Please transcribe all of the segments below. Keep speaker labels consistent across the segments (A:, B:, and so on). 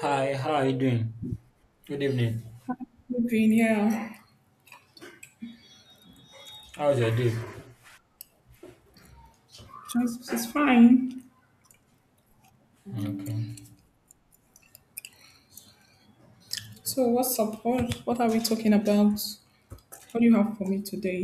A: Hi, how are you doing? Good evening.
B: Living, yeah.
A: How's your day?
B: Just, it's fine.
A: Okay.
B: So what's up? What are we talking about? What do you have for me today?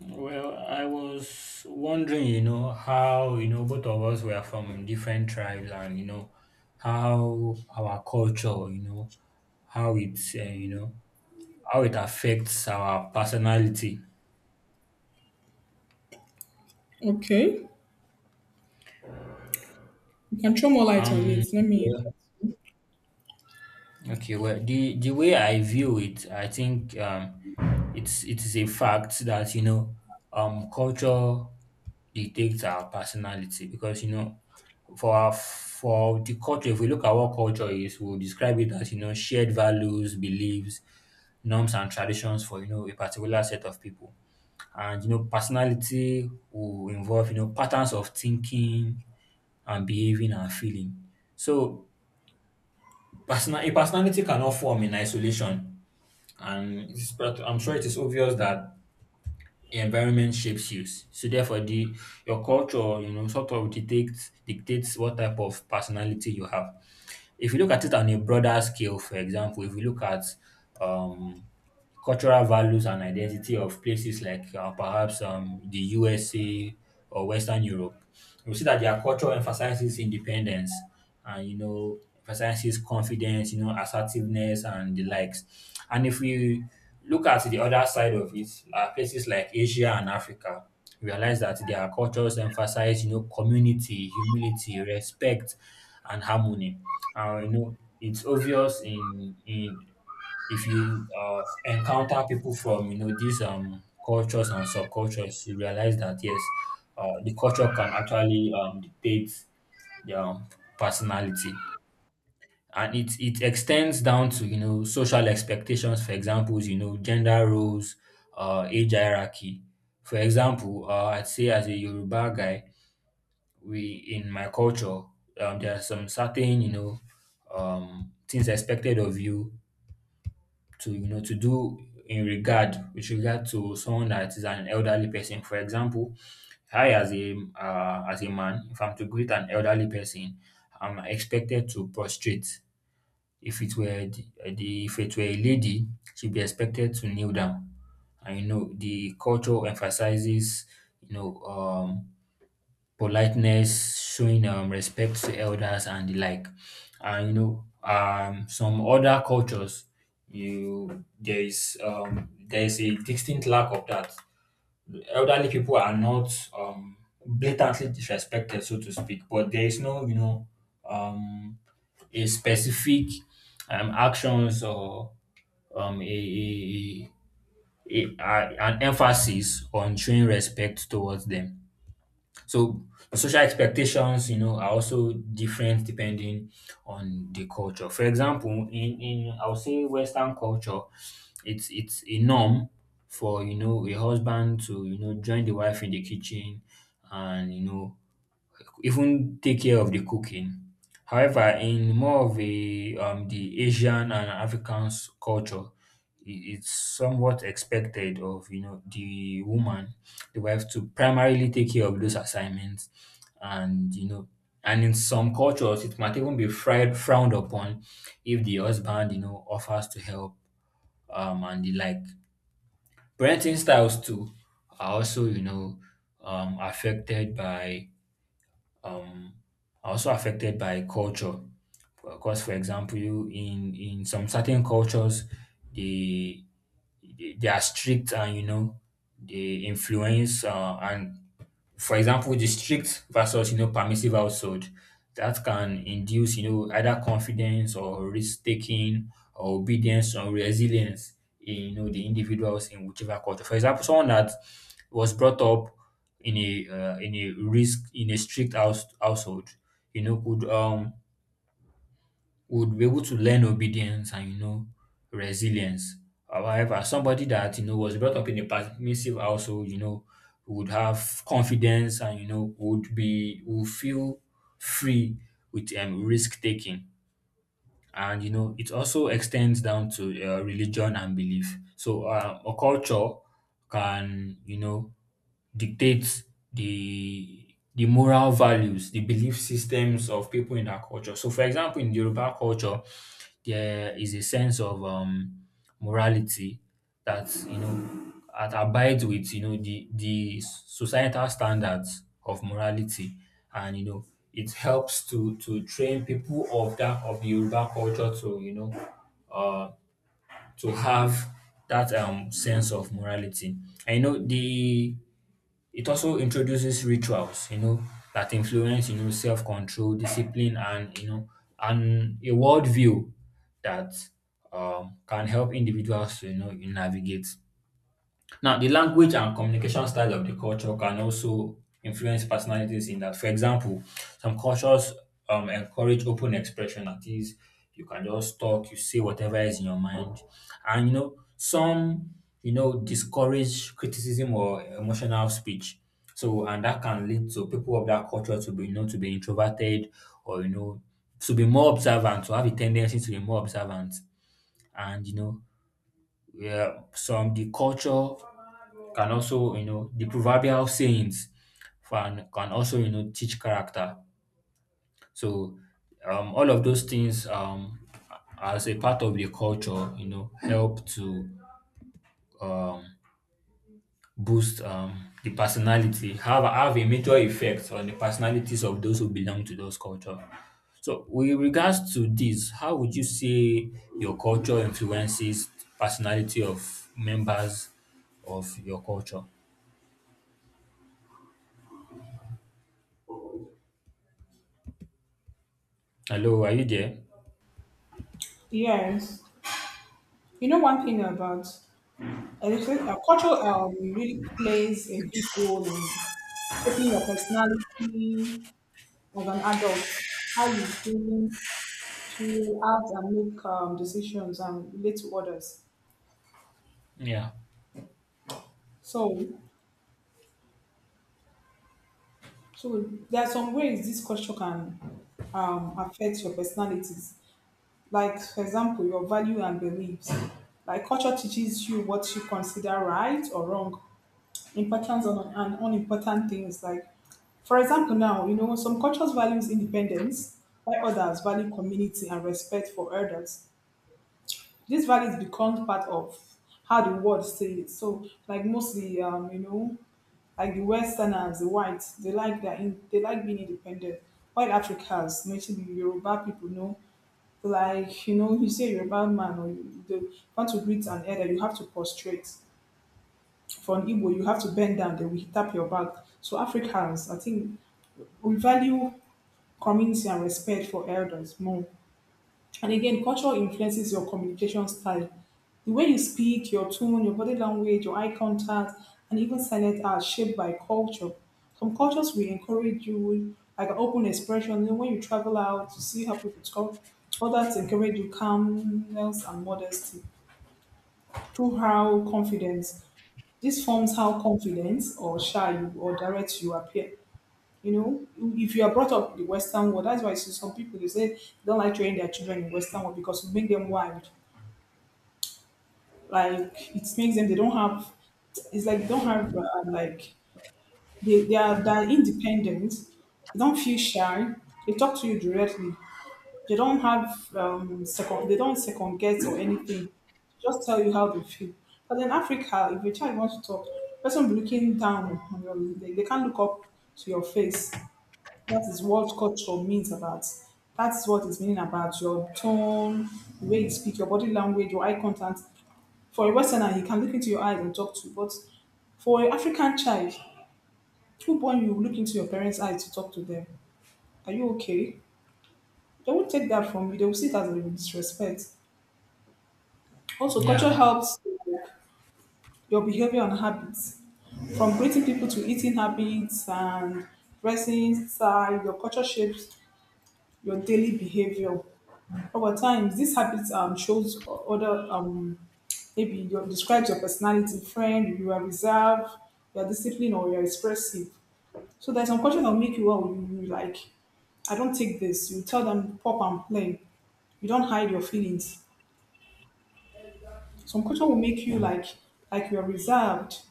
A: Well, I was wondering, how, both of us were from different tribes and, how our culture, how it's, uh, you know, how it affects our personality.
B: Okay. You can throw more light on
A: Um,
B: it. Let me...
A: yeah. Okay, well, the way I view it, I think it is a fact that, culture dictates our personality. Because, you know, For our for the culture, if we look at what culture is, we'll describe it as shared values, beliefs, norms, and traditions for a particular set of people. And personality will involve patterns of thinking and behaving and feeling. So personality cannot form in isolation, and it's, but I'm sure it is obvious that environment shapes you. So therefore, the your culture sort of dictates what type of personality you have. If you look at it on a broader scale, for example, if you look at um, cultural values and identity of places like perhaps the USA or Western Europe. We see that their culture emphasizes independence and emphasizes confidence, you know, assertiveness and the likes. And if we look at the other side of it, places like Asia and Africa, we realize that their cultures emphasize community, humility, respect, and harmony. And it's obvious in if you encounter people from these cultures and subcultures. You realize that yes, the culture can actually dictate their personality, and it extends down to social expectations, for examples gender roles, age hierarchy. For example, I'd say as a Yoruba guy, we in my culture, there are some certain things expected of you to to do in regard, with regard to someone that is an elderly person. For example, I as a man, if I'm to greet an elderly person, I'm expected to prostrate. If it were a lady, she'd be expected to kneel down. And the culture emphasizes you know um politeness, showing respect to elders and the like. And some other cultures, you there is a distinct lack of that. Elderly people are not um, blatantly disrespected, so to speak, but there is no um, a specific actions, or um, a, an emphasis on showing respect towards them. So social expectations, you know, are also different depending on the culture. For example, in I would say Western culture, it's a norm for a husband to join the wife in the kitchen and even take care of the cooking. However, in more of a the Asian and African culture, it's somewhat expected of the woman, the wife, to primarily take care of those assignments, and and in some cultures, it might even be frowned upon if the husband offers to help, and the like. Parenting styles too are also you know affected by um, are also affected by culture. Because, for example, you in some certain cultures, they they are strict and they influence, and for example, the strict versus permissive household, that can induce either confidence or risk taking or obedience or resilience in the individuals in whichever culture. For example, someone that was brought up in a risk in a strict household, you know, could would be able to learn obedience and resilience. However, somebody that was brought up in a permissive household, you know, would have confidence and would feel free with risk taking, and it also extends down to religion and belief. So a culture can dictates the the moral values, the belief systems of people in that culture. So, for example, in Yoruba culture, there is a sense of morality that that abides with the societal standards of morality, and it helps to train people of the Yoruba culture to uh, to have that sense of morality. I know the It also introduces rituals, you know, that influence, you know, self-control, discipline, and, you know, and a worldview that can help individuals to navigate. Now, the language and communication style of the culture can also influence personalities in that, for example, some cultures encourage open expression. That is, you can just talk, you say whatever is in your mind. And, you know, some, you know, discourage criticism or emotional speech. So, and that can lead to people of that culture to be, you know, to be introverted, or, you know, to be more observant, to have a tendency to be more observant. And, you know, yeah, some the culture can also, you know, the proverbial sayings can also, you know, teach character. So all of those things, as a part of the culture, you know, help to um, boost the personality, have a major effect on the personalities of those who belong to those culture. So with regards to this, how would you say your culture influences personality of members of your culture? Hello, are you there?
B: Yes. You know, one thing about electric, culture really plays a big role in shaping your personality as an adult, how you think, feel, act, and make decisions and relate to others.
A: Yeah.
B: So So there are some ways this culture can affect your personalities. Like, for example, your value and beliefs. Like, culture teaches you what you consider right or wrong, importance on, and unimportant things. Like, for example, now, you know, some cultures values independence, while others value community and respect for elders. These values become part of how the world sees it. So, like, mostly, you know, like the Westerners, the whites, they like they like being independent. White Africans, mostly the Yoruba people, know, like you know, you say Yoruba man or you they want to greet an elder, you have to prostrate. For an Igbo, you have to bend down, they will tap your back. So Africans, I think we value community and respect for elders more. And again, culture influences your communication style. The way you speak, your tone, your body language, your eye contact, and even silent are shaped by culture. Some cultures will encourage you, like an open expression. You know, when you travel out, you see how people talk. Others encourage you calmness and modesty through how confidence. This forms how confidence or shy you or direct you appear. You know, if you are brought up in the Western world, that's why you see some people they say they don't like training their children in Western world because you make them wild, like it makes them, they don't have, it's like they don't have, like, they are, they're independent, they don't feel shy, they talk to you directly, they don't have second, they don't second guess or anything, just tell you how they feel. But in Africa, if a child wants to talk, person will be looking down on your, they can't look up to your face. That is what culture means about. That's what it's meaning about your tone, the way you speak, your body language, your eye contact. For a Westerner, you can look into your eyes and talk to, but for an African child, who born you look into your parents' eyes to talk to them? Are you okay? They won't take that from you. They will see it as a disrespect. Also, culture
A: Yeah,
B: helps your behavior and habits. From greeting people to eating habits and dressing style, your culture shapes your daily behavior. Over time, these habits shows other maybe your describes your personality, friend, you are reserved, you are disciplined, or you are expressive. So there's some culture that will make you well. You like, I don't take this. You tell them pop and play. You don't hide your feelings. Some culture will make you like you are reserved.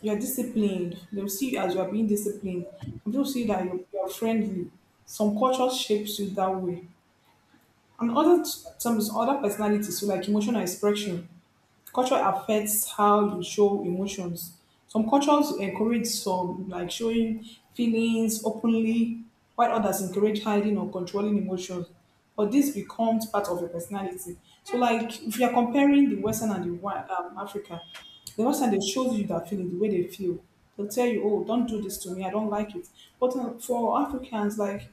B: You are disciplined. They will see you as you are being disciplined. Some people see that you are friendly. Some culture shapes you that way. And other some other personalities, so like emotional expression, culture affects how you show emotions. Some cultures encourage some like showing feelings openly, while others encourage hiding or controlling emotions. But this becomes part of your personality. So, like, if you are comparing the Western and the Africa, the Western they show you their feeling the way they feel. They'll tell you, "Oh, don't do this to me. I don't like it." But for Africans, like,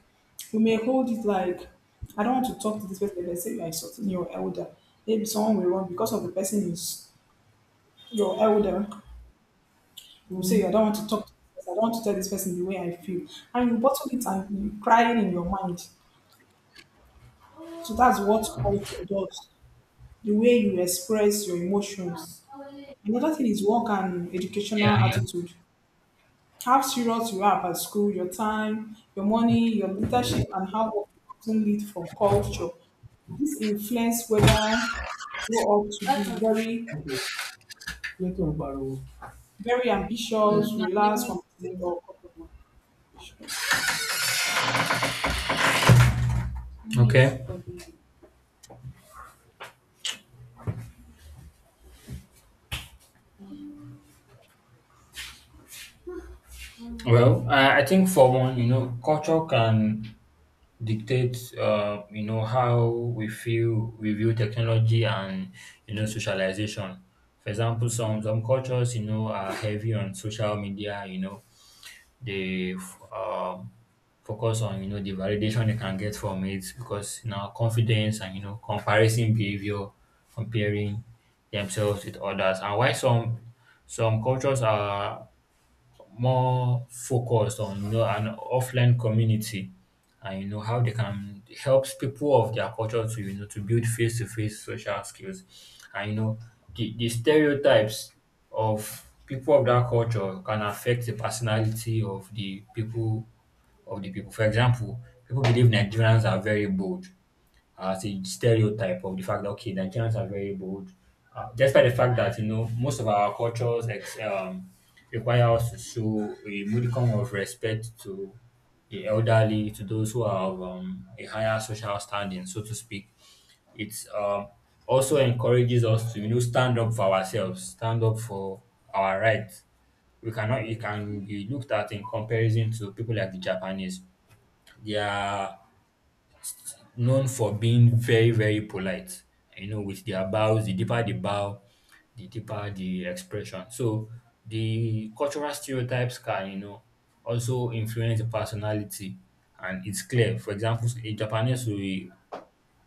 B: we may hold it like, I don't want to talk to this person. They say you are insulting your elder. Maybe someone will run because of the person is you're elder, you will say, I don't want to talk to this person, I don't want to tell this person the way I feel. And you bottle it and you cry it in your mind. So that's what culture does. The way you express your emotions. Another thing is work and educational
A: yeah, yeah.
B: attitude. How serious you are about school, your time, your money, your leadership, and how work often lead from culture. This influence whether you grow up to be very, very ambitious, relaxed, competitive, or competitions.
A: Okay. Well, I think for one, you know, culture can dictate, you know, how we feel, we view technology and, you know, socialization. For example, some cultures, you know, are heavy on social media, you know, they f- um, focus on the validation they can get from it, because confidence and comparison behavior, comparing themselves with others, and why some cultures are more focused on an offline community, and how they can help people of their culture to to build face-to-face social skills. And the stereotypes of people of that culture can affect the personality of the people. For example, people believe Nigerians are very bold, as a stereotype of the fact that okay, Nigerians are very bold, despite the fact that most of our cultures require us to show a modicum of respect to the elderly, to those who are of a higher social standing, so to speak. It's also encourages us to stand up for ourselves, stand up for our rights. We cannot. You can be looked at in comparison to people like the Japanese. Their known for being very, very polite. You know, with their bows, the deeper the bow, the deeper the expression. So the cultural stereotypes can, you know, also influence the personality, and it's clear. For example, a Japanese will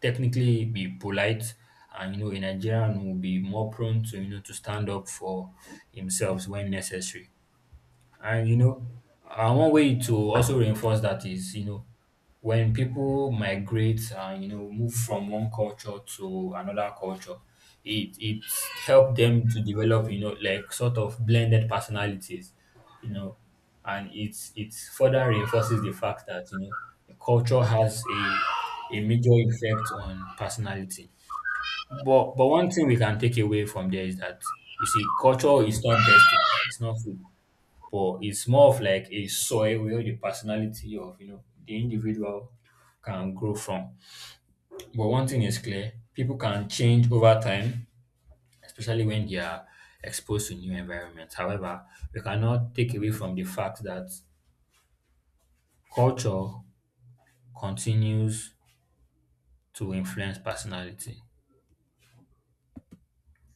A: technically be polite, and, you know, a Nigerian will be more prone to, you know, to stand up for himself when necessary. And, you know, one way to also reinforce that is, you know, when people migrate and move from one culture to another culture, it helps them to develop, you know, like sort of blended personalities, you know, and it further reinforces the fact that the culture has a major effect on personality. But one thing we can take away from there is that you see, culture is not destiny. It's not fate. But it's more of like a soil where the personality of the individual can grow from. But one thing is clear, people can change over time, especially when they are exposed to new environments. However, we cannot take away from the fact that culture continues to influence personality.